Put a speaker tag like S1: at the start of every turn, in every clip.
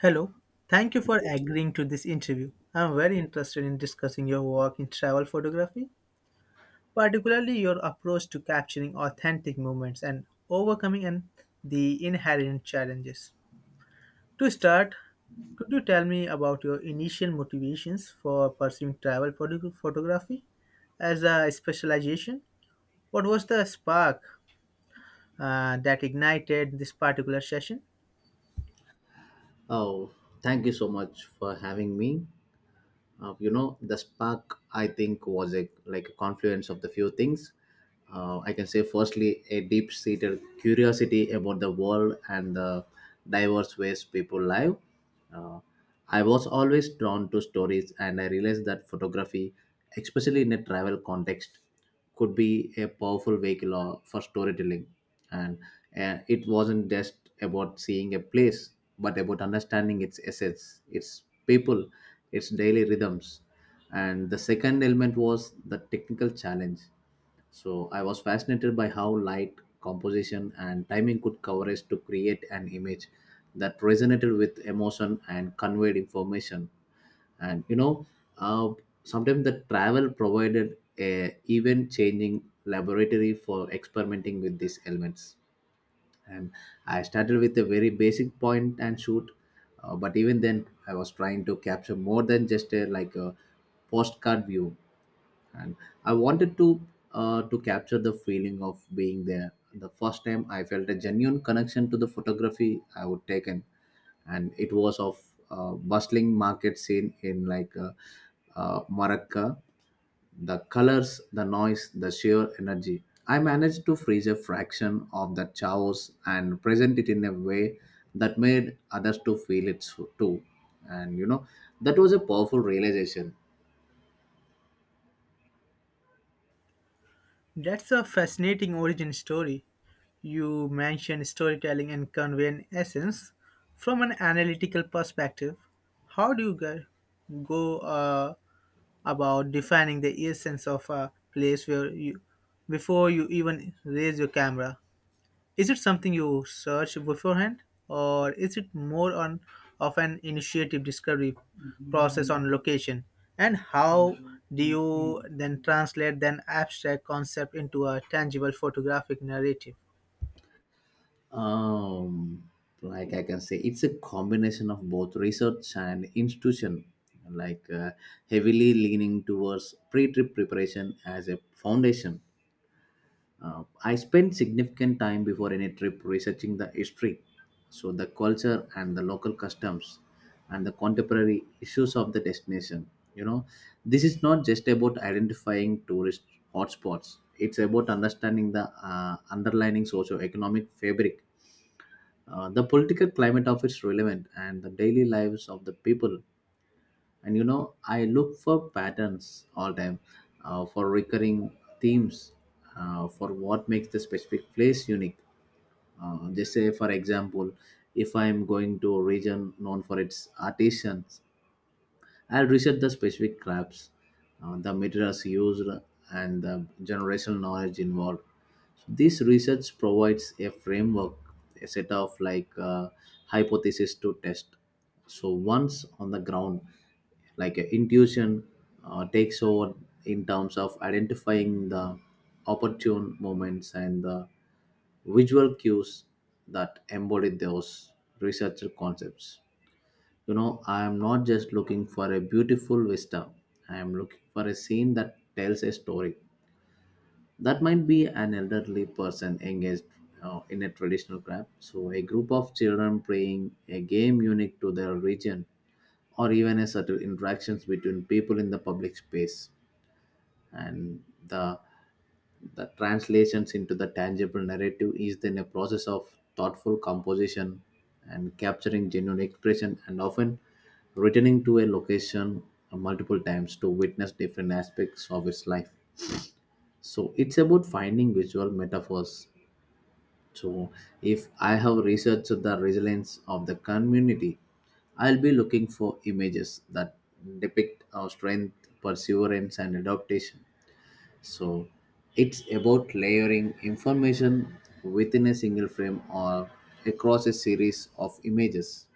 S1: Hello, thank you for agreeing to this interview. I'm very interested in discussing your work in travel photography, particularly your approach to capturing authentic moments and overcoming the inherent challenges. To start, could you tell me about your initial motivations for pursuing photography as a specialization? What was the spark that ignited this particular session?
S2: Oh, thank you so much for having me. The spark I think was a like a confluence of the few things. I can say, firstly, a deep-seated curiosity about the world and the diverse ways people live. Uh, I was always drawn to stories, and I realized that photography, especially in a travel context, could be a powerful for storytelling, and it wasn't just about seeing a place but about understanding its essence, its people, its daily rhythms. And the second element was the technical challenge. So I was fascinated by how light, composition, and timing could coverage to create an image that resonated with emotion and conveyed information. And you know, uh, Sometimes the travel provided a event changing laboratory for experimenting with these elements, and I started with a very basic point and shoot. But even then I was trying to capture more than just a like a postcard view, and I wanted to capture the feeling of being there. The first time I felt a genuine connection to the photography I would taken, and it was of bustling market scene in Morocco. The colors, the noise, the sheer energy. I managed to freeze a fraction of that chaos and present it in a way that made others to feel it too. And you know, that was a powerful realization.
S1: That's a fascinating origin story. You mentioned storytelling and conveying essence from an analytical perspective. How do you gu- go about defining the essence of a place where you before you even raise your camera? Is it something you search beforehand, or is it more on of an initiative discovery process on location? And how do you then translate an abstract concept into a tangible photographic narrative?
S2: Um, like I can say, it's a combination of both research and institution, like uh, heavily leaning towards pre-trip preparation as a foundation. I spent significant time before any trip researching the history, so the culture and the local customs and the contemporary issues of the destination. You know, this is not just about identifying tourist hotspots. It's about understanding the underlying socio-economic fabric, the political climate of its relevant, and the daily lives of the people. And you know, I look for patterns all time, for recurring themes, for what makes the specific place unique. They say, for example, if I'm going to a region known for its artisans, I'll research the specific crops, the materials used, and the generational knowledge involved. So this research provides a framework, a set of hypothesis to test. So once on the ground, intuition takes over in terms of identifying the opportune moments and the visual cues that embody those research concepts. You know, I am not just looking for a beautiful vista. I am looking for a scene that tells a story. That might be an elderly person engaged in a traditional craft, so a group of children playing a game unique to their region, or even a subtle interactions between people in the public space. And the translations into the tangible narrative is then a process of thoughtful composition and capturing genuine expression, and often returning to a location multiple times to witness different aspects of its life. So it's about finding visual metaphors. So if I have researched the resilience of the community, I'll be looking for images that depict our strength, perseverance, and adaptation. So it's about layering information within a single frame or across a series of images.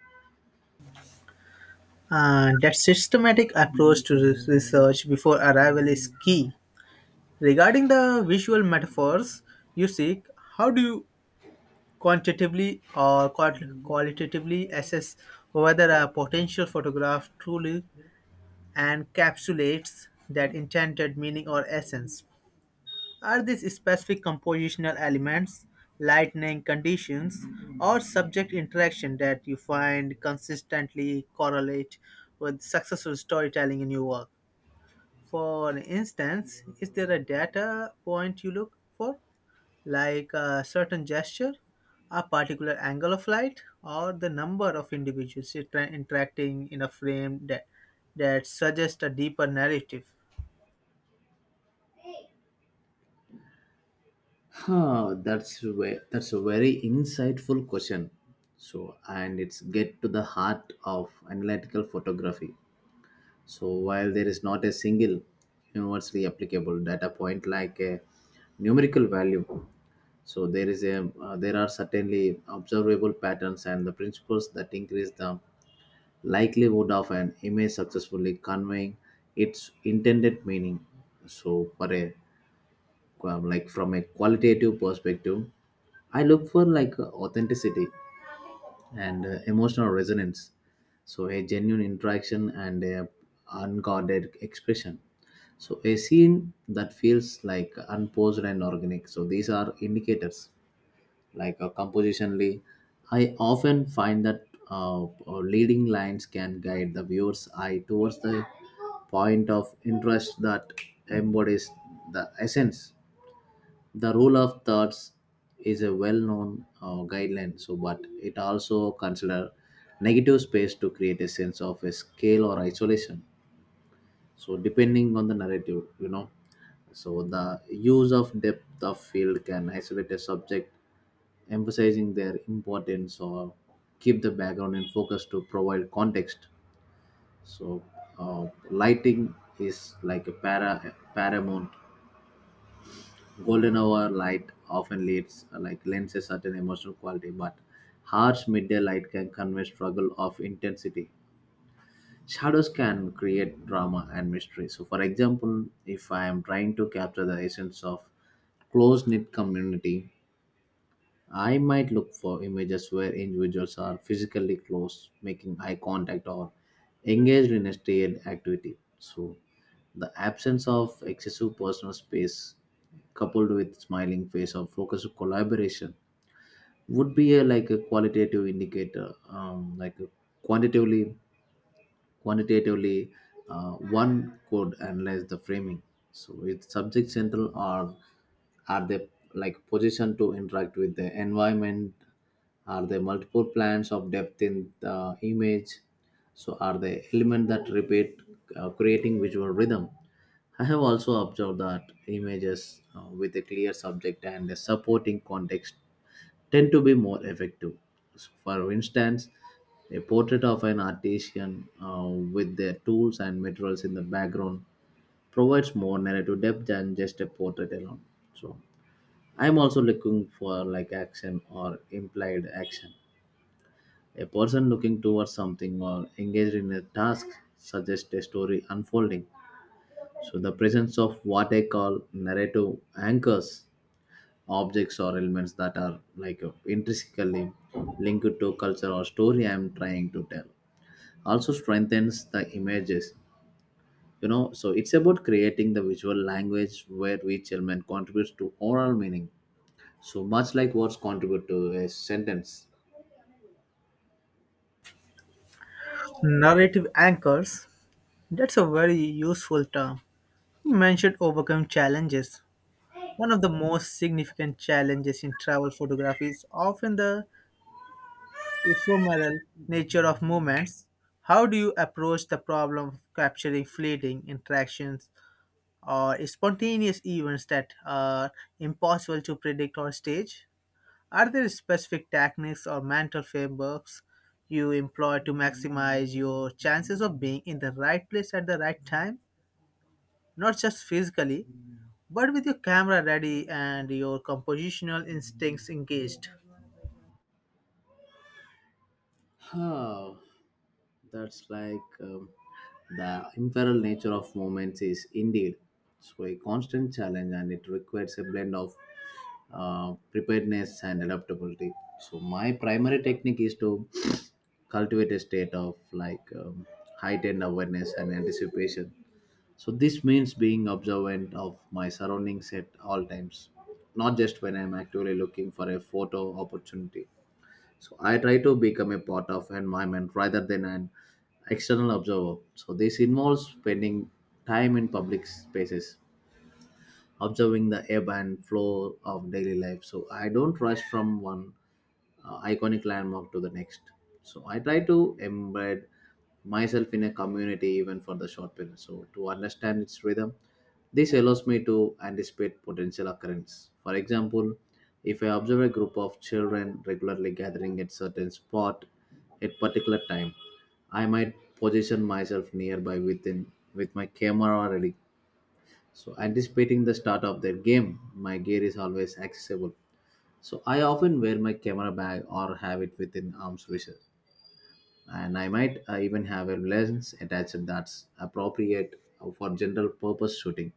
S1: That systematic approach to this research before arrival is key. Regarding the visual metaphors you seek, how do you quantitatively or qual- qualitatively assess whether a potential photograph truly encapsulates that intended meaning or essence? Are these specific compositional elements, lightning conditions, or subject interaction that you find consistently correlate with successful storytelling in your work? For instance, is there a data point you look for, like a certain gesture, a particular angle of light, or the number of individuals interacting in a frame that suggests a deeper narrative?
S2: That's a very insightful question. So and it's get to the heart of analytical photography. So while there is not a single universally applicable data point like a numerical value, so there is a there are certainly observable patterns and the principles that increase the likelihood of an image successfully conveying its intended meaning. So, for a like from a qualitative perspective, I look for like authenticity and emotional resonance. So, a genuine interaction and a unguarded expression. So, a scene that feels like unposed and organic. So, these are indicators. Compositionally, I often find that leading lines can guide the viewer's eye towards the point of interest that embodies the essence. The rule of thirds is a well-known guideline, so but it also consider negative space to create a sense of a scale or isolation, so depending on the narrative. You know, so the use of depth of field can isolate a subject, emphasizing their importance, or keep the background in focus to provide context. So lighting is like a paramount. Golden hour light often leads like lends a certain emotional quality, but harsh midday light can convey struggle of intensity. Shadows can create drama and mystery. So, for example, if I am trying to capture the essence of close knit community, I might look for images where individuals are physically close, making eye contact, or engaged in a shared activity. So, the absence of excessive personal space, coupled with smiling face or focused collaboration, would be like a qualitative indicator. Um, like a quantitatively quantitatively uh, one could analyze the framing. So is subject central, or are they like positioned to interact with the environment? Are there multiple plans of depth in the image? So are the element that repeat, creating visual rhythm? I have also observed that images with a clear subject and a supporting context tend to be more effective. So, for instance, a portrait of an artisan with their tools and materials in the background provides more narrative depth than just a portrait alone. So I'm also looking for like action or implied action. A person looking towards something or engaged in a task suggests a story unfolding. So the presence of what I call narrative anchors, objects or elements that are intrinsically linked to culture or story I'm trying to tell, also strengthens the images. You know, so it's about creating the visual language where each element contributes to overall meaning, so much like words contribute to a sentence.
S1: Narrative anchors, that's a very useful term. You mentioned overcome challenges. One of the most significant challenges in travel photography is often the ephemeral nature of movements, how do you approach the problem of capturing fleeting interactions or spontaneous events that are impossible to predict on stage? Are there specific techniques or mental frameworks you employ to maximize your chances of being in the right place at the right time? Not just physically, but with your camera ready and your compositional instincts engaged.
S2: Huh. That's like The imperal nature of movements is indeed so a constant challenge, and it requires a blend of preparedness and adaptability. So my primary technique is to cultivate a state of heightened awareness and anticipation. So this means being observant of my surroundings at all times, not just when I'm actually looking for a photo opportunity. So I try to become a part of environment rather than an external observer. So this involves spending time in public spaces, observing the ebb and flow of daily life. So I don't rush from one iconic landmark to the next. So I try to embed myself in a community even for the short period. So to understand its rhythm, this allows me to anticipate potential occurrence. For example, if I observe a group of children regularly gathering at certain spot at particular time, I might position myself nearby with my camera already. So anticipating the start of their game, my gear is always accessible. So I often wear my camera bag or have it within arm's reach, and I might even have a lens attached that's appropriate for general purpose shooting.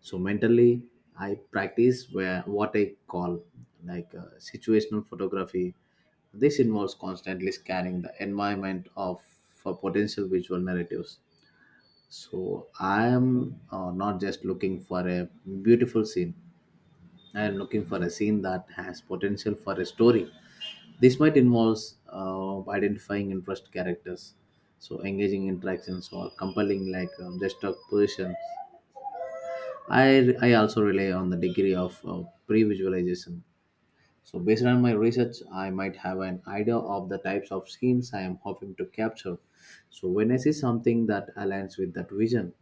S2: So mentally, I practice where what I call situational photography. This involves constantly scanning the environment of for potential visual narratives. So I am not just looking for a beautiful scene. I am looking for a scene that has potential for a story. This might involve identifying interest characters, so engaging interactions or compelling gesture positions. I also rely on the degree of pre-visualization. So based on my research, I might have an idea of the types of schemes I am hoping to capture. So when I see something that aligns with that vision,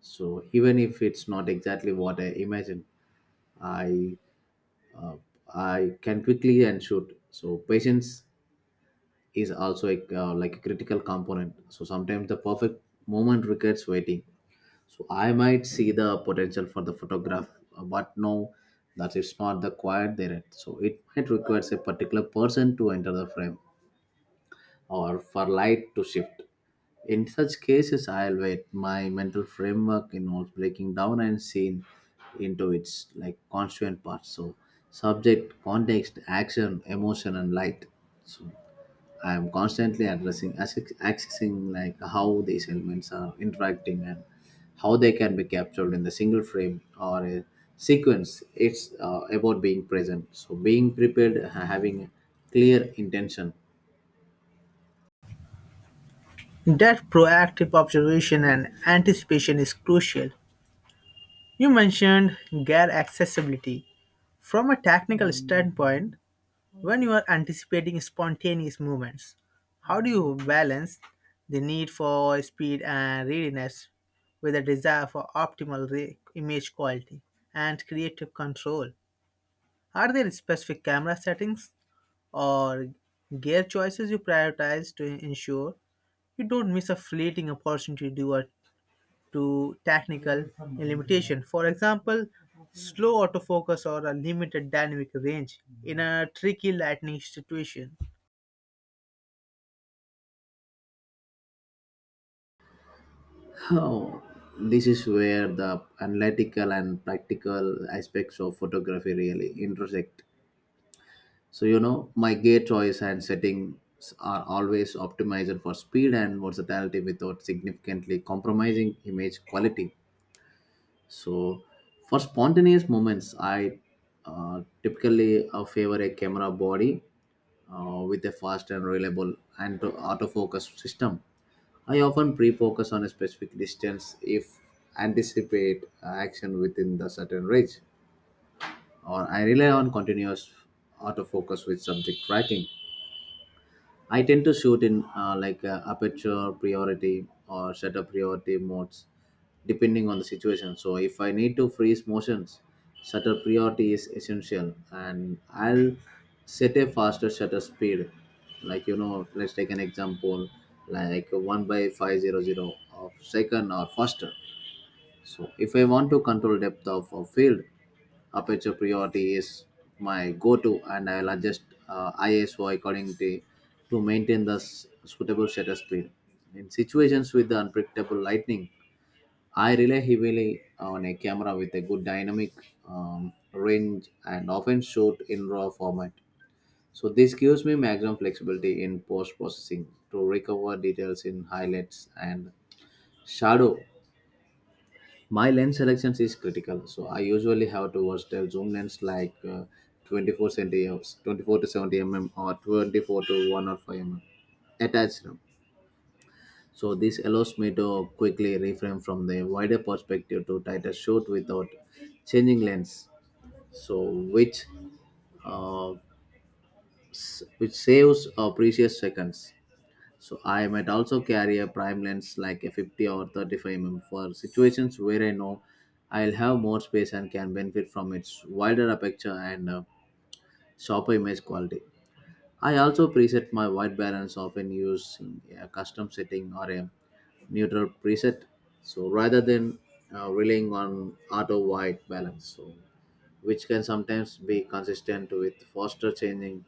S2: so even if it's not exactly what I imagine, I uh, I can quickly and shoot. So patience is also a, like a critical component. So sometimes the perfect moment requires waiting. So I might see the potential for the photograph, but no, that it's not the quiet there. Yet. So it might requires a particular person to enter the frame or for light to shift. In such cases, I'll wait. My mental framework involves breaking down and seeing into its like constituent parts. So subject, context, action, emotion, and light. So I am constantly accessing like how these elements are interacting and how they can be captured in the single frame or a sequence. It's about being present. So being prepared, having clear intention.
S1: That proactive observation and anticipation is crucial. You mentioned gear accessibility. From a technical standpoint, when you are anticipating spontaneous movements, how do you balance the need for speed and readiness with the desire for optimal image quality and creative control? Are there specific camera settings or gear choices you prioritize to ensure you don't miss a fleeting opportunity to do a to technical limitation. For example, slow autofocus or a limited dynamic range in a tricky lighting situation.
S2: Oh, this is where the analytical and practical aspects of photography really intersect. So, you know, my gear choice and settings are always optimized for speed and versatility without significantly compromising image quality. So, for spontaneous moments, I typically favor a camera body with a fast and reliable autofocus system. I often pre-focus on a specific distance if anticipate action within the certain range, or I rely on continuous autofocus with subject tracking. I tend to shoot in like aperture priority or shutter priority modes depending on the situation. So if I need to freeze motions, shutter priority is essential and I'll set a faster shutter speed. Like let's take an example like one by 500 of second or faster. So if I want to control depth of a field, aperture priority is my go-to, and I will adjust ISO accordingly to maintain the suitable shutter speed. In situations with the unpredictable lightning, I rely heavily on a camera with a good dynamic range and often shoot in RAW format. So this gives me maximum flexibility in post processing to recover details in highlights and shadow. My lens selections is critical, so I usually have to watch the zoom lens like 24 centimeters, 24 to 70 mm or 24 to 105 mm attached. So this allows me to quickly reframe from the wider perspective to tighter shoot without changing lens, so which uh, which saves precious seconds. So I might also carry a prime lens like a 50 or 35 mm for situations where I know I'll have more space and can benefit from its wider aperture and sharper image quality. I also preset my white balance often using a custom setting or a neutral preset. So rather than relying on auto white balance, so which can sometimes be consistent with faster changing.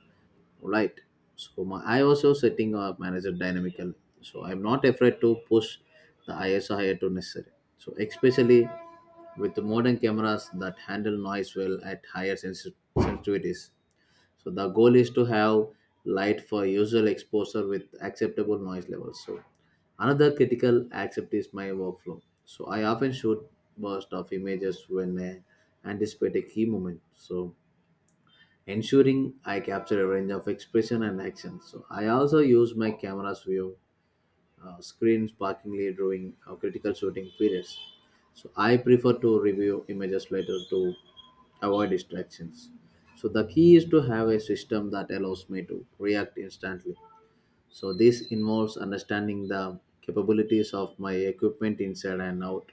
S2: Right. So I also setting a manager dynamical, so I'm not afraid to push the ISO higher to necessary, so especially with the modern cameras that handle noise well at higher sensitivities. So the goal is to have light for usual exposure with acceptable noise levels. So another critical aspect is my workflow. So I often shoot burst of images when I anticipate a key moment, so ensuring I capture a range of expression and action. So I also use my camera's view screen sparkingly during critical shooting periods. So I prefer to review images later to avoid distractions. So the key is to have a system that allows me to react instantly. So this involves understanding the capabilities of my equipment inside and out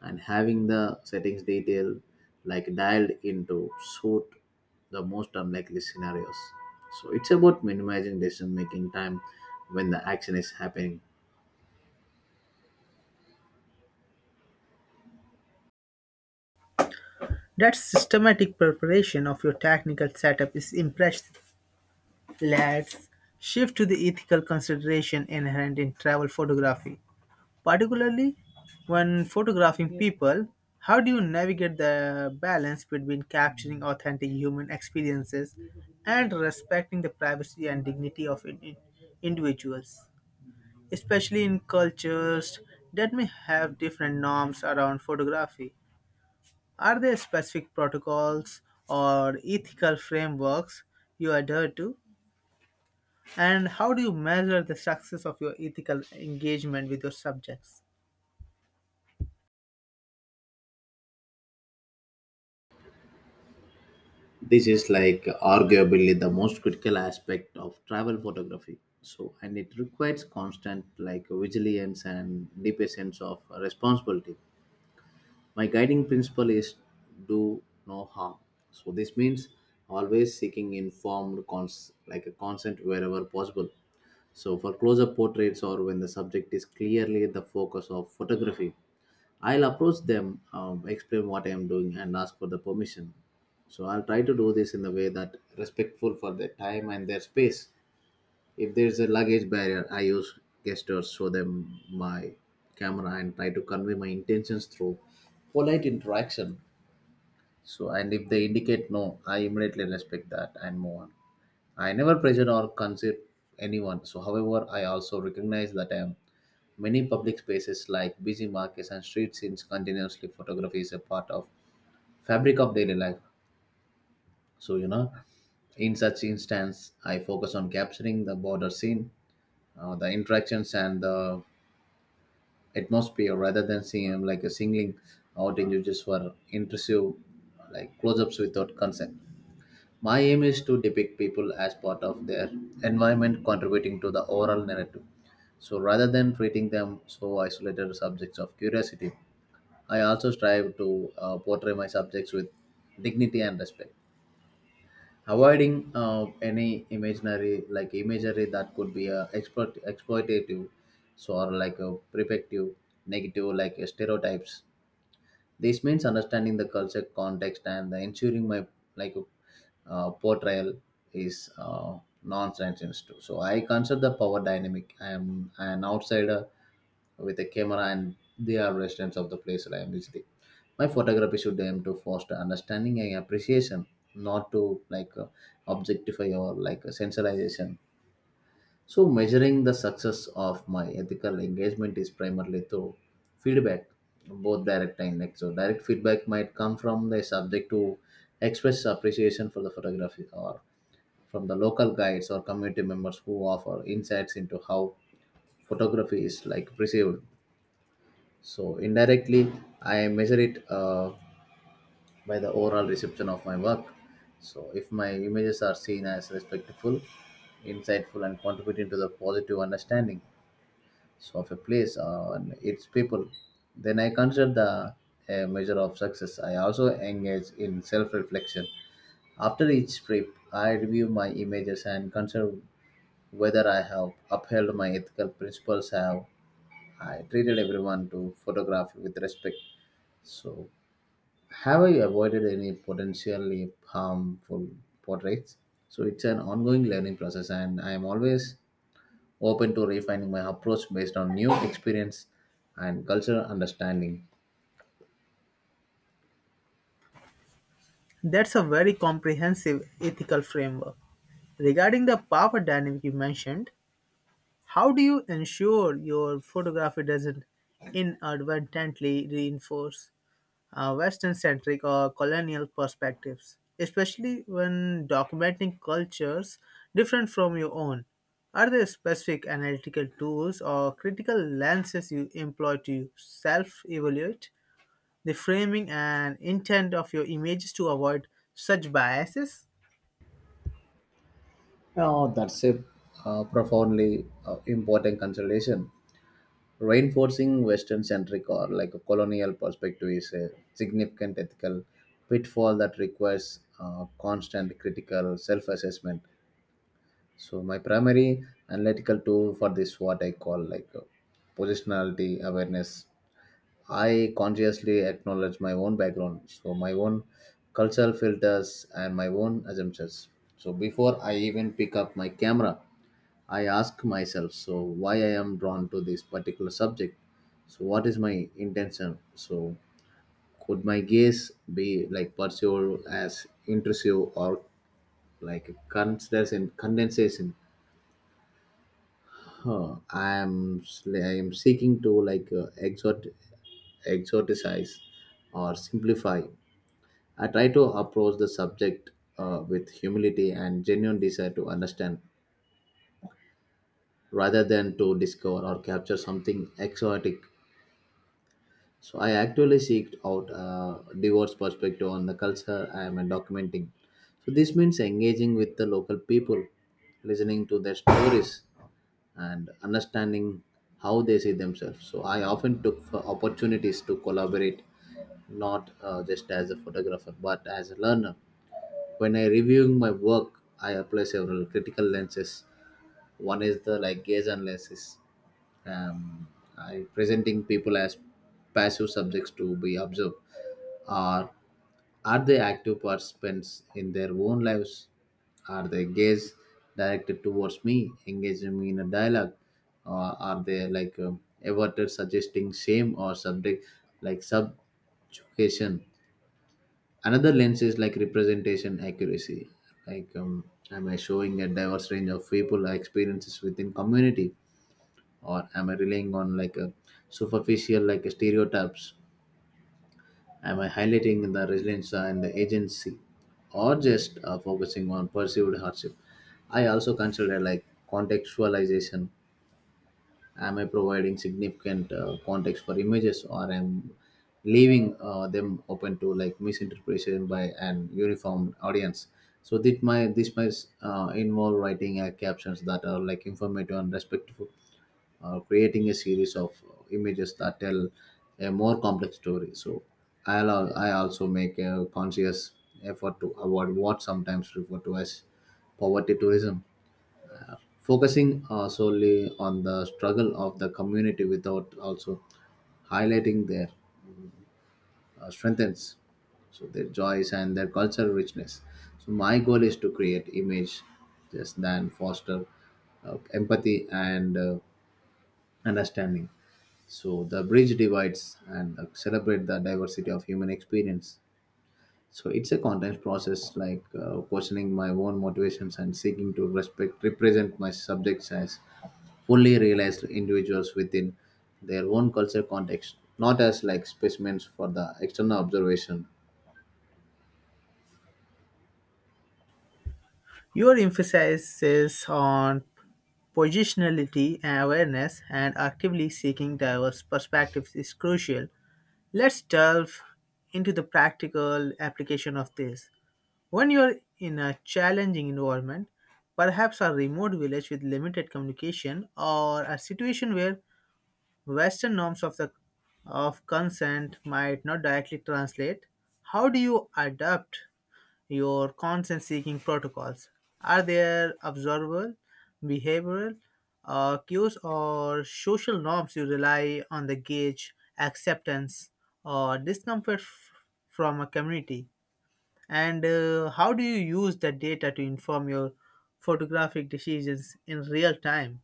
S2: and having the settings detail like dialed into suit the most unlikely scenarios. So it's about minimizing decision making time when the action is happening.
S1: That systematic preparation of your technical setup is impressive. Let's shift to the ethical consideration inherent in travel photography, particularly when photographing people. How do you navigate the balance between capturing authentic human experiences and respecting the privacy and dignity of individuals, especially in cultures that may have different norms around photography? Are there specific protocols or ethical frameworks you adhere to? And how do you measure the success of your ethical engagement with your subjects?
S2: This is like arguably the most critical aspect of travel photography. So and it requires constant like vigilance and deep sense of responsibility. My guiding principle is do no harm. So this means always seeking informed like a consent wherever possible. So, for close up portraits or when the subject is clearly the focus of photography, I'll approach them, explain what I am doing, and ask for the permission. So, I'll try to do this in a way that respectful for their time and their space. If there's a luggage barrier, I use gestures, show them my camera, and try to convey my intentions through polite interaction. So, and if they indicate no, I immediately respect that and move on. I never pressure or consider anyone. So, however, I also recognize that many public spaces like busy markets and street scenes continuously photography is a part of fabric of daily life. So, in such instance, I focus on capturing the border scene, the interactions, and the atmosphere rather than seeing like a singling out images for intrusive like close-ups without consent. My aim is to depict people as part of their environment contributing to the overall narrative. So rather than treating them so isolated subjects of curiosity, I also strive to portray my subjects with dignity and respect, avoiding any imaginary like imagery that could be exploitative, so or like a protective, negative like stereotypes. This means understanding the culture context and the ensuring my like portrayal is nonsense too, so I consider the power dynamic. I am an outsider with a camera, and they are residents of the place that I am visiting. My photography should aim to foster understanding and appreciation, not to like objectify or like sensationalization. So, measuring the success of my ethical engagement is primarily through feedback, both direct and indirect. So, direct feedback might come from the subject to express appreciation for the photography, or from the local guides or community members who offer insights into how photography is like perceived. So, indirectly, I measure it by the overall reception of my work. So, if my images are seen as respectful, insightful, and contributing to the positive understanding so of a place and its people, then I consider the a measure of success. I also engage in self-reflection after each trip. I review my images and consider whether I have upheld my ethical principles. Have I treated everyone to photograph with respect, so have I avoided any potentially harmful portraits? So it's an ongoing learning process, and I am always open to refining my approach based on new experience and cultural understanding.
S1: That's a very comprehensive ethical framework. Regarding the power dynamic you mentioned, how do you ensure your photography doesn't inadvertently reinforce Western centric or colonial perspectives, especially when documenting cultures different from your own? Are there specific analytical tools or critical lenses you employ to self evaluate the framing and intent of your images to avoid such biases?
S2: Now, that's a profoundly important consideration. Reinforcing Western centric or like a colonial perspective is a significant ethical pitfall that requires constant critical self assessment. So, my primary analytical tool for this, what I call like positionality awareness. I consciously acknowledge my own background, so my own cultural filters and my own assumptions. So before I even pick up my camera, I ask myself, so why I am drawn to this particular subject? So what is my intention? So could my gaze be like pursued as intrusive or like condensation? Condensation. Huh. I am seeking to like exhort, exoticize or simplify. I try to approach the subject with humility and genuine desire to understand rather than to discover or capture something exotic. So I actually seek out a diverse perspective on the culture I am documenting. So this means engaging with the local people, listening to their stories and understanding how they see themselves. So I often took for opportunities to collaborate, not just as a photographer but as a learner. When I reviewing my work, I apply several critical lenses. One is the like gaze analysis. Um, I presenting people as passive subjects to be observed, or are they active participants in their own lives? Are their gaze directed towards me, engaging me in a dialogue, or are they like averted, suggesting shame or subject like subjugation? Another lens is like representation accuracy, like am I showing a diverse range of people or experiences within community, or am I relying on like a superficial like stereotypes? Am I highlighting the resilience and the agency, or just focusing on perceived hardship? I also consider like contextualization. Am I providing significant context for images, or am leaving them open to like misinterpretation by an uniform audience? So this might involve writing captions that are like informative and respectful, or creating a series of images that tell a more complex story. So I also make a conscious effort to avoid what sometimes referred to as poverty tourism, focusing solely on the struggle of the community without also highlighting their strengths, so their joys and their cultural richness. So my goal is to create image just than foster empathy and understanding, so the bridge divides and celebrate the diversity of human experience. So it's a constant process, like questioning my own motivations and seeking to respect represent my subjects as fully realized individuals within their own culture context, not as like specimens for the external observation.
S1: Your emphasis on positionality and awareness, and actively seeking diverse perspectives is crucial. Let's delve into the practical application of this. When you're in a challenging environment, perhaps a remote village with limited communication, or a situation where Western norms of the of consent might not directly translate, how do you adapt your consent seeking protocols? Are there observable, behavioral cues or social norms you rely on the gauge acceptance or from a community? And how do you use that data to inform your photographic decisions in real time?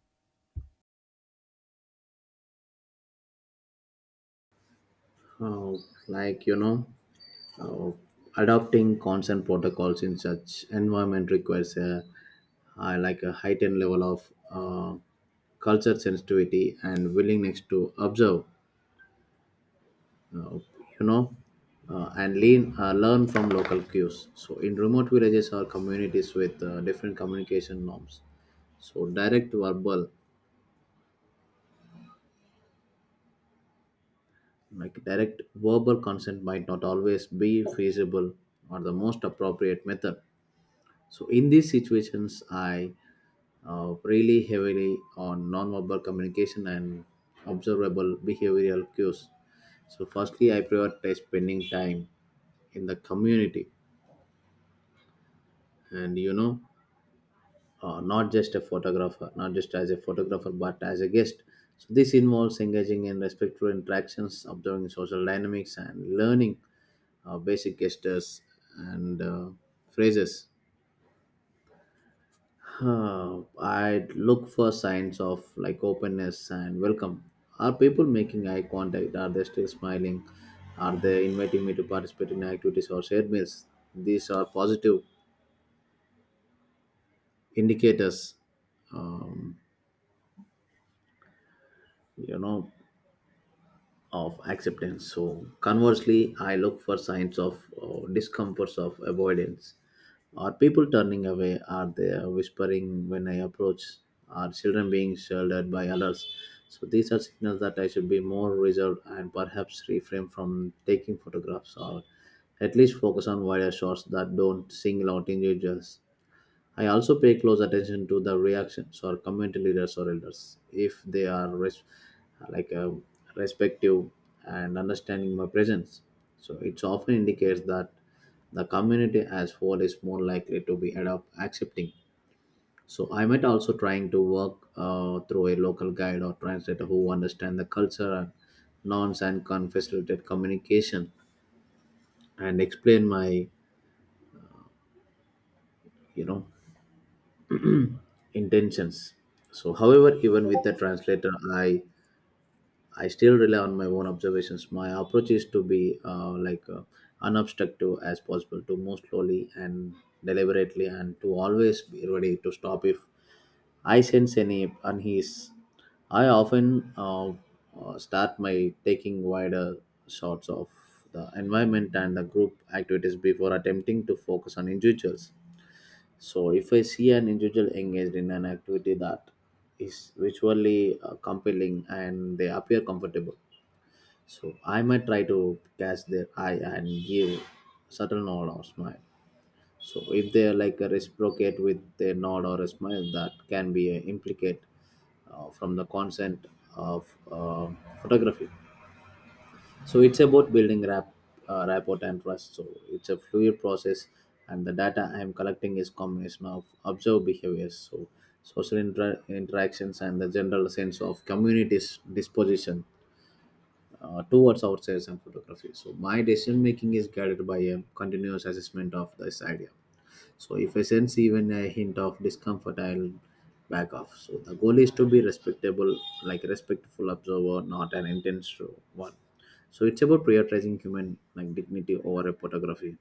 S2: Uh, like uh, adopting consent protocols in such environment requires a like a heightened level of culture sensitivity and willingness to observe, uh, you know, and learn from local cues. So, in remote villages or communities with different communication norms, so direct verbal consent might not always be feasible or the most appropriate method. So in these situations I really heavily on non-verbal communication and observable behavioral cues. So firstly I prioritize spending time in the community, and not just a photographer, not just as a photographer, but as a guest. So this involves engaging in respectful interactions, observing social dynamics, and learning basic gestures and phrases. I'd look for signs of like openness and welcome. Are people making eye contact? Are they still smiling? Are they inviting me to participate in activities or shared meals? These are positive indicators, Um, you know, of acceptance. So conversely, I look for signs of discomforts of avoidance. Are people turning away? Are they whispering when I approach? Are children being sheltered by others? So these are signals that I should be more reserved and perhaps refrain from taking photographs, or at least focus on wider shots that don't single out individuals. I also pay close attention to the reactions or community leaders or elders if they are like um, respective and understanding my presence. So it often indicates that the community as whole is more likely to be adopt accepting. So I might also trying to work through a local guide or translator who understand the culture and norms and can facilitate communication and explain my you know intentions. So however, even with the translator, I still rely on my own observations. My approach is to be unobstructive as possible, to move slowly and deliberately, and to always be ready to stop if I sense any unease. I often start my taking wider shots of the environment and the group activities before attempting to focus on individuals. So, if I see an individual engaged in an activity that is visually compelling and they appear comfortable, so I might try to catch their eye and give subtle nod or smile. So if they are like a reciprocate with a nod or a smile, that can be a implicate from the consent of photography. So it's about building rapport and trust. So it's a fluid process, and the data I am collecting is combination of observed behaviors, so interactions, and the general sense of community's disposition towards outsiders and photography. So my decision making is guided by a continuous assessment of this idea. So if I sense even a hint of discomfort, I'll back off. So the goal is to be respectable, like a respectful observer, not an intense one. So it's about prioritizing human like dignity over a photography.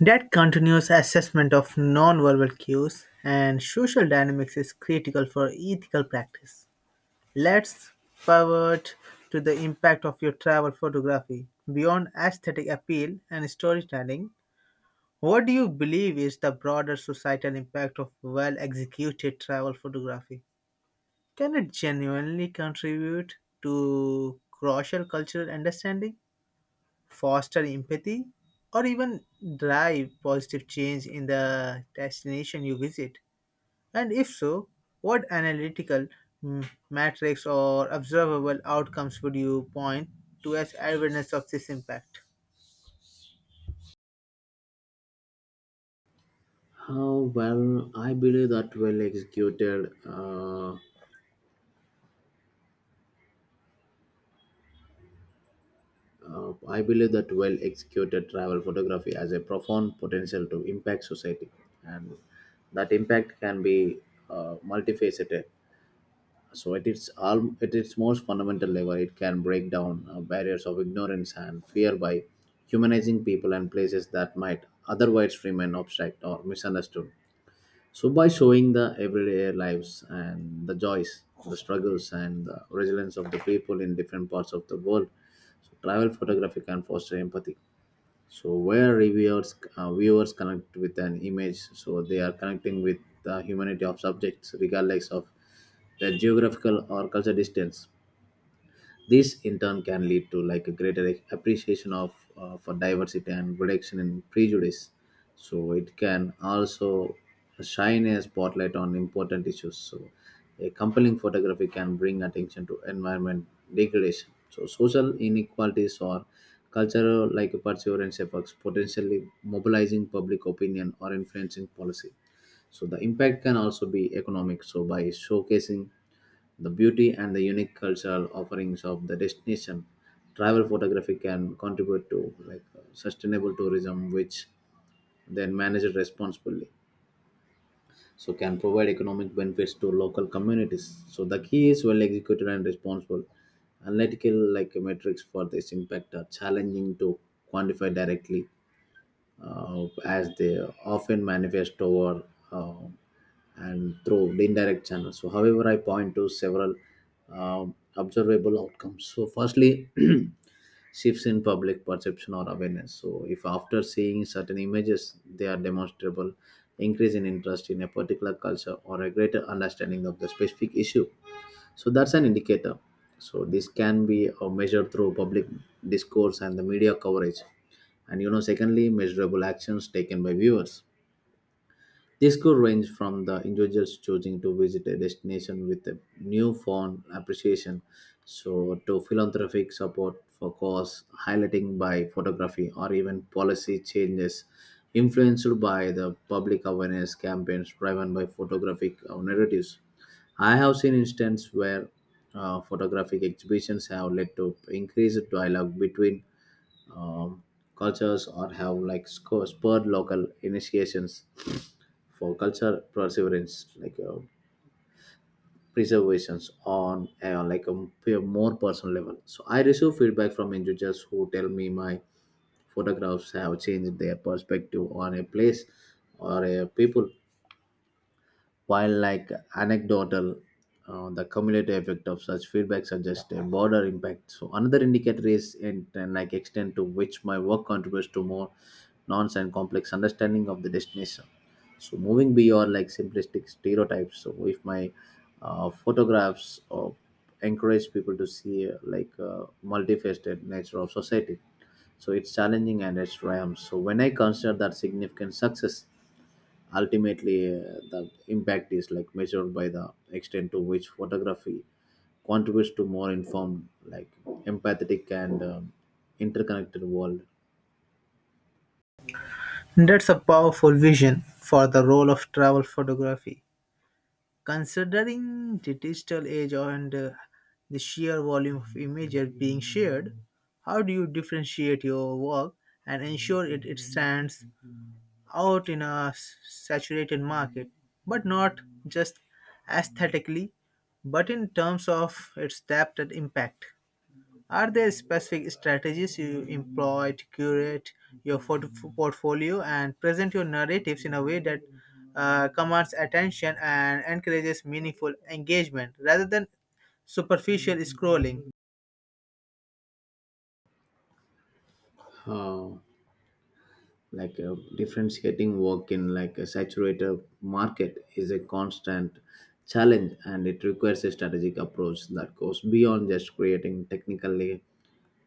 S1: That continuous assessment of nonverbal cues and social dynamics is critical for ethical practice. Let's pivot to the impact of your travel photography. Beyond aesthetic appeal and storytelling, what do you believe is the broader societal impact of well executed travel photography? Can it genuinely contribute to crucial cultural understanding, foster empathy, or even drive positive change in the destination you visit? And if so, what analytical metrics or observable outcomes would you point to as evidence of this impact?
S2: How well I believe that well executed. I believe that well executed travel photography has a profound potential to impact society, and that impact can be multifaceted. So, at its most fundamental level, it can break down barriers of ignorance and fear by humanizing people and places that might otherwise remain abstract or misunderstood. So, by showing the everyday lives and the joys, the struggles, and the resilience of the people in different parts of the world, so travel photography can foster empathy. So, where viewers connect with an image, so they are connecting with the humanity of subjects, regardless of their geographical or cultural distance. This in turn can lead to like a greater appreciation of for diversity and reduction in prejudice. So it can also shine a spotlight on important issues. So a compelling photography can bring attention to environment degradation. So social inequalities or cultural like perseverance efforts potentially mobilizing public opinion or influencing policy. So the impact can also be economic. So by showcasing the beauty and the unique cultural offerings of the destination, travel photography can contribute to like sustainable tourism, which then managed responsibly. So can provide economic benefits to local communities. So the key is well executed and responsible analytical like metrics for this impact are challenging to quantify directly as they often manifest over uh, and through the indirect channels. So, however, I point to several observable outcomes. So, firstly, shifts in public perception or awareness. So, if after seeing certain images, they are demonstrable increase in interest in a particular culture or a greater understanding of the specific issue so that's an indicator, so this can be measured through public discourse and the media coverage. And you know secondly measurable actions taken by viewers, this could range from the individuals choosing to visit a destination with a newfound appreciation, so to philanthropic support for cause, highlighting by photography, or even policy changes influenced by the public awareness campaigns driven by photographic narratives. I have seen instances where photographic exhibitions have led to increased dialogue between um, cultures or have like spurred local initiations for culture perseverance like preservations on like a more personal level. So I receive feedback from individuals who tell me my photographs have changed their perspective on a place or a people, while like anecdotal, the cumulative effect of such feedback suggests a broader impact. So another indicator is in like extent to which my work contributes to more nuanced and complex understanding of the destination. So moving beyond like simplistic stereotypes. So if my photographs encourage people to see multifaceted nature of society, so it's challenging and it's triumph. So when I consider that significant success. Ultimately, the impact is like measured by the extent to which photography contributes to more informed, like empathetic and interconnected world.
S1: That's a powerful vision for the role of travel photography. Considering the digital age and the sheer volume of images being shared, how do you differentiate your work and ensure it stands out in a saturated market, but not just aesthetically, but in terms of its depth and impact. Are there specific strategies you employ to curate your portfolio and present your narratives in a way that commands attention and encourages meaningful engagement rather than superficial scrolling?
S2: Uh, Differentiating work in like a saturated market is a constant challenge, and it requires a strategic approach that goes beyond just creating technically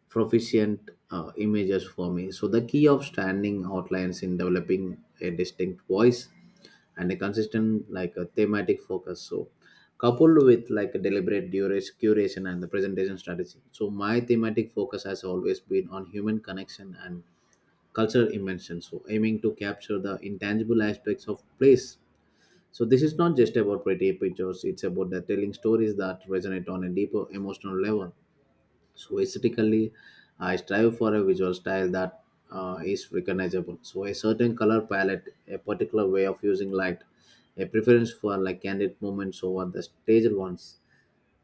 S2: proficient images for me. So the key of standing outlines in developing a distinct voice and a consistent like a thematic focus, so coupled with like a deliberate duration curation and the presentation strategy. So my thematic focus has always been on human connection and cultural immersion, so aiming to capture the intangible aspects of place. So this is not just about pretty pictures, it's about the telling stories that resonate on a deeper emotional level. So aesthetically, I strive for a visual style that is recognizable. So a certain color palette, a particular way of using light, a preference for like candid moments over the staged ones.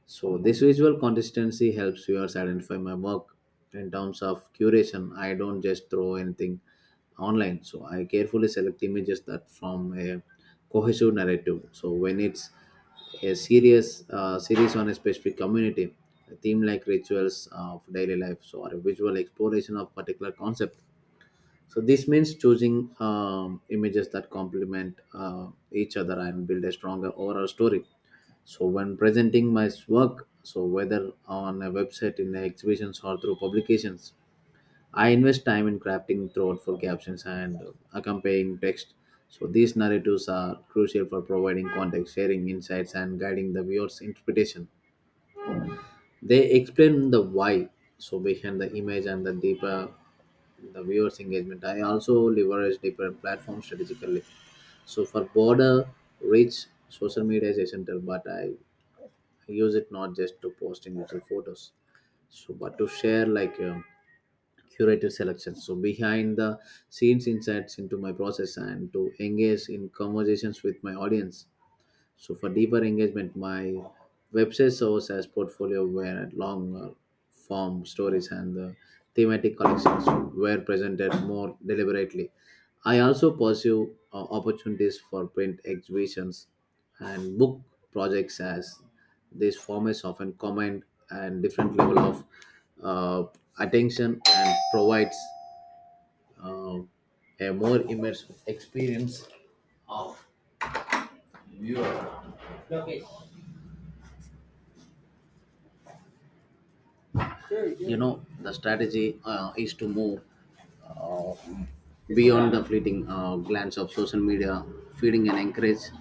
S2: So this visual consistency helps viewers identify my work in terms of curation. I don't just throw anything online. So I carefully select images that form a cohesive narrative. So when it's a serious series on a specific community, a theme like rituals of daily life, so or a visual exploration of particular concept. So this means choosing images that complement each other and build a stronger overall story. So when presenting my work, so whether on a website, in exhibitions or through publications, I invest time in crafting thoughtful captions and accompanying text. So these narratives are crucial for providing context, sharing insights, and guiding the viewer's interpretation. They explain the why, so behind the image and the deeper the viewers engagement. I also leverage different platforms strategically, so for broader reach social media is essential, but I use it not just to post individual photos, so but to share like curated selections, so behind the scenes insights into my process and to engage in conversations with my audience. So for deeper engagement, my website serves as portfolio where long form stories and the thematic collections were presented more deliberately. I also pursue opportunities for print exhibitions and book projects as these formats often command and different level of uh, attention and provides uh, a more immersive experience of viewer. you know the strategy is to move beyond the fleeting glance of social media feeding and encourage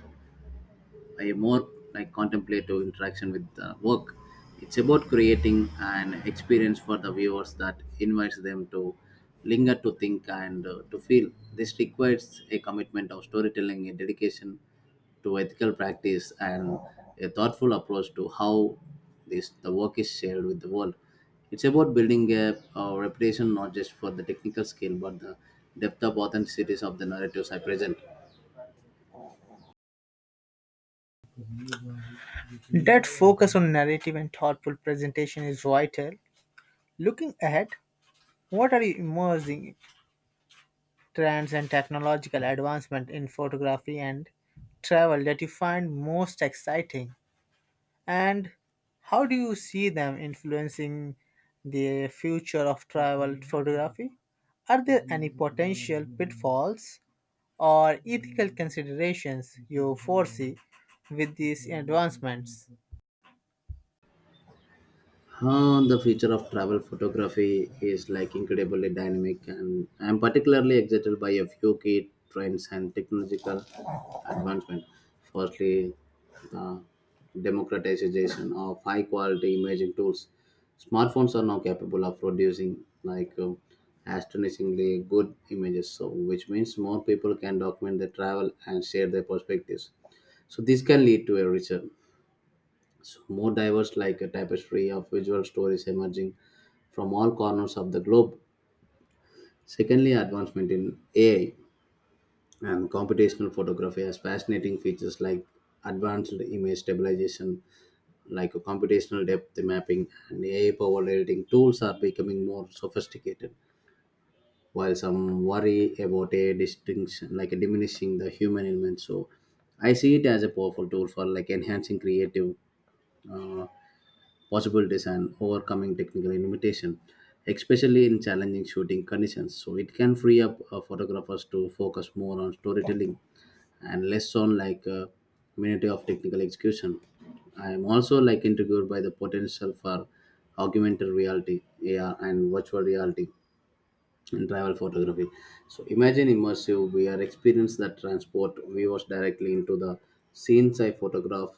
S2: a more like contemplative interaction with the work. It's about creating an experience for the viewers that invites them to linger, to think, and to feel. This requires a commitment of storytelling, a dedication to ethical practice, and a thoughtful approach to how this the work is shared with the world. It's about building a reputation not just for the technical skill but the depth of authenticities of the narratives I present.
S1: That focus on narrative and thoughtful presentation is vital. Looking ahead, what are you immersing trends and technological advancement in photography and travel that you find most exciting, and how do you see them influencing the future of travel photography? Are there any potential pitfalls or ethical considerations you foresee with these advancements?
S2: The future of travel photography is like incredibly dynamic, and I'm particularly excited by a few key trends and technological advancement. Firstly, the democratization of high quality imaging tools. Smartphones are now capable of producing like astonishingly good images, so which means more people can document their travel and share their perspectives. So this can lead to a richer so more diverse like a tapestry of visual stories emerging from all corners of the globe. Secondly, advancement in AI and computational photography has fascinating features like advanced image stabilization, like a computational depth mapping, and AI-powered editing tools are becoming more sophisticated. While some worry about a distinction, like a diminishing the human element, so I see it as a powerful tool for like enhancing creative uh, possibilities and overcoming technical limitation, especially in challenging shooting conditions. So it can free up photographers to focus more on storytelling and less on like minute of technical execution. I am also like intrigued by the potential for augmented reality, AR, and virtual reality and travel photography. So imagine immersive VR experience that transport viewers directly into the scenes I photograph,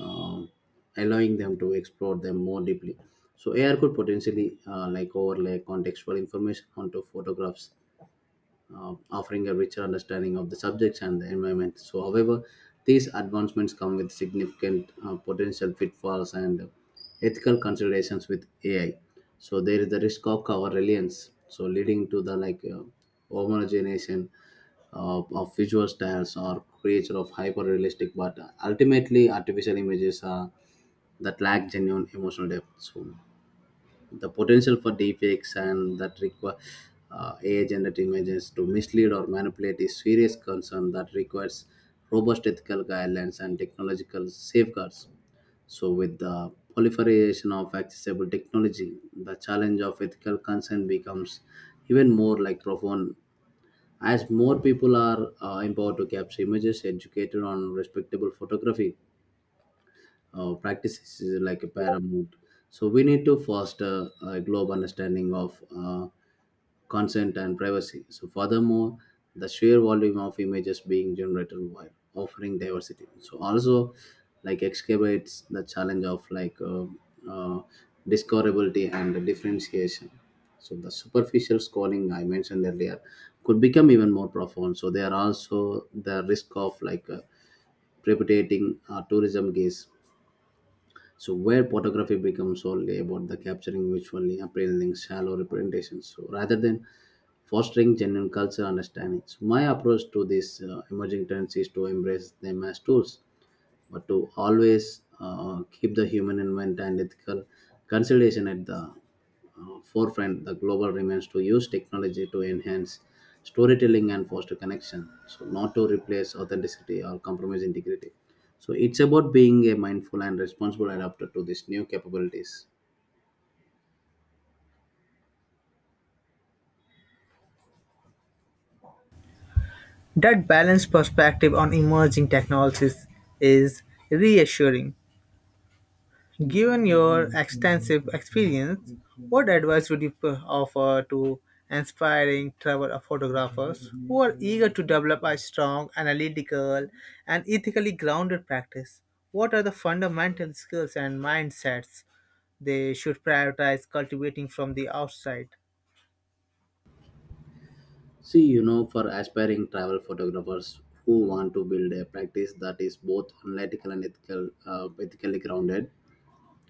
S2: um, allowing them to explore them more deeply. So AR could potentially like overlay contextual information onto photographs, offering a richer understanding of the subjects and the environment. So, however, these advancements come with significant potential pitfalls and ethical considerations with AI. So, there is the risk of our reliance, so leading to the like homogenization of visual styles or creature of hyper realistic, but ultimately artificial images are that lack genuine emotional depth. So, the potential for deepfakes and that require AI-generated images to mislead or manipulate is serious concern that requires robust ethical guidelines and technological safeguards. So, with the proliferation of accessible technology, the challenge of ethical concern becomes even more like profound. As more people are empowered to capture images, educated on respectable photography, practices is like a paramount. So we need to foster a global understanding of consent and privacy. So furthermore, the sheer volume of images being generated while offering diversity. So also, like excavates the challenge of like uh, discoverability and differentiation. So the superficial scrolling I mentioned earlier could become even more profound. So there are also the risk of like precipitating tourism gaze so where photography becomes solely about the capturing visually appealing shallow representations, so rather than fostering genuine cultural understanding. So my approach to these emerging trends is to embrace them as tools but to always keep the human environment and ethical consideration at the forefront, the global remains to use technology to enhance storytelling and foster connection, so not to replace authenticity or compromise integrity. So it's about being a mindful and responsible adapter to these new capabilities.
S1: That balanced perspective on emerging technologies is reassuring. Given your extensive experience, what advice would you offer to inspiring travel photographers who are eager to develop a strong, analytical, and ethically grounded practice? What are the fundamental skills and mindsets they should prioritize cultivating from the outside?
S2: See, you know, for aspiring travel photographers who want to build a practice that is both analytical and ethical, ethically grounded,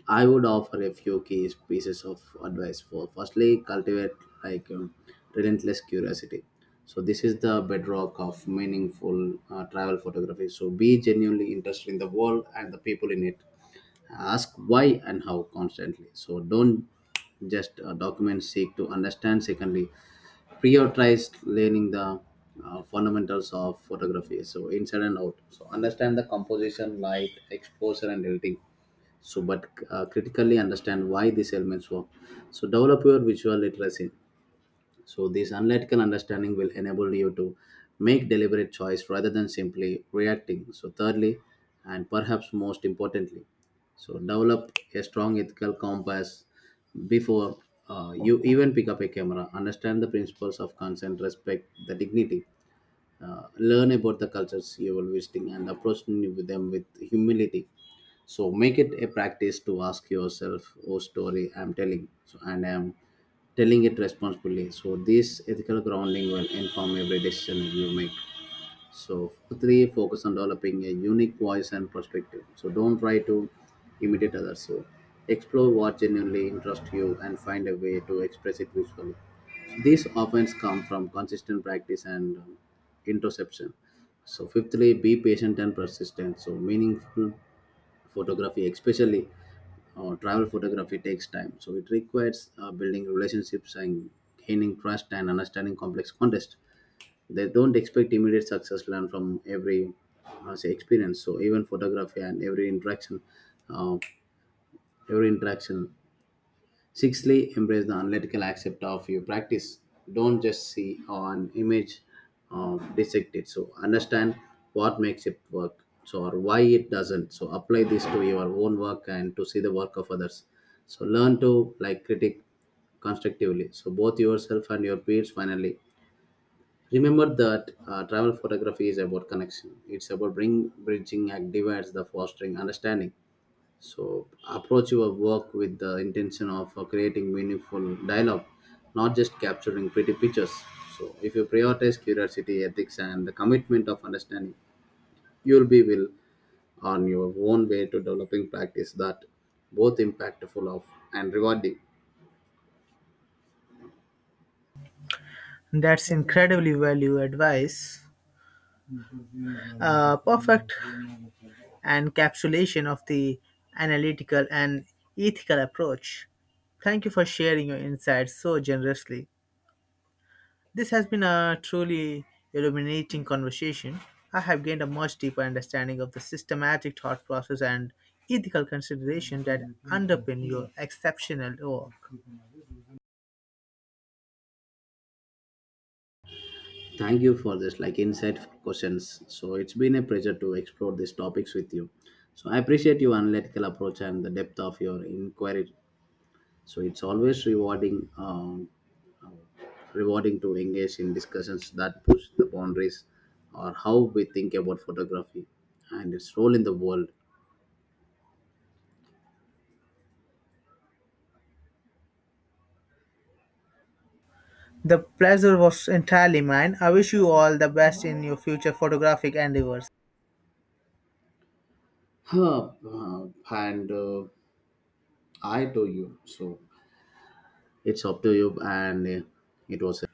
S2: I would offer a few key pieces of advice for firstly cultivate like relentless curiosity. So this is the bedrock of meaningful travel photography. So be genuinely interested in the world and the people in it. Ask why and how constantly. So don't just document seek to understand. Secondly, prioritize learning the fundamentals of photography. So inside and out. So understand the composition, light, exposure, and editing so but critically understand why these elements work, so develop your visual literacy, so this analytical understanding will enable you to make deliberate choice rather than simply reacting. So thirdly, and perhaps most importantly, so develop a strong ethical compass before you even pick up a camera, understand the principles of consent, respect the dignity, learn about the cultures you are visiting and approach with them with humility. So make it a practice to ask yourself oh story I'm telling, so and I'm telling it responsibly. So this ethical grounding will inform every decision you make. So three, focus on developing a unique voice and perspective. So don't try to imitate others. So explore what genuinely interests you and find a way to express it visually. So these often come from consistent practice and interception. So fifthly, be patient and persistent. So meaningful photography, especially travel photography, takes time. So it requires building relationships and gaining trust and understanding complex context. They don't expect immediate success, learn from every say experience, so even photography and every interaction uh, every interaction. Sixthly, embrace the analytical aspect of your practice. Don't just see an image, dissect it. So understand what makes it work, so or why it doesn't. So apply this to your own work and to see the work of others. So learn to like critic constructively, so both yourself and your peers. Finally, remember that travel photography is about connection. It's about bridging act divides the fostering understanding. So approach your work with the intention of creating meaningful dialogue, not just capturing pretty pictures. So if you prioritize curiosity, ethics, and the commitment of understanding, you'll be will on your own way to developing practice that both impactful of and rewarding.
S1: That's incredibly valuable advice. Perfect and encapsulation of the analytical and ethical approach. Thank you for sharing your insights so generously. This has been a truly illuminating conversation. I have gained a much deeper understanding of the systematic thought process and ethical consideration that underpin your exceptional work.
S2: Thank you for this like insightful questions. So it's been a pleasure to explore these topics with you. So I appreciate your analytical approach and the depth of your inquiry. So it's always rewarding to engage in discussions that push the boundaries or how we think about photography and its role in the world.
S1: The pleasure was entirely mine. I wish you all the best in your future photographic endeavors.
S2: Huh, and I to you. So it's up to you, and it was.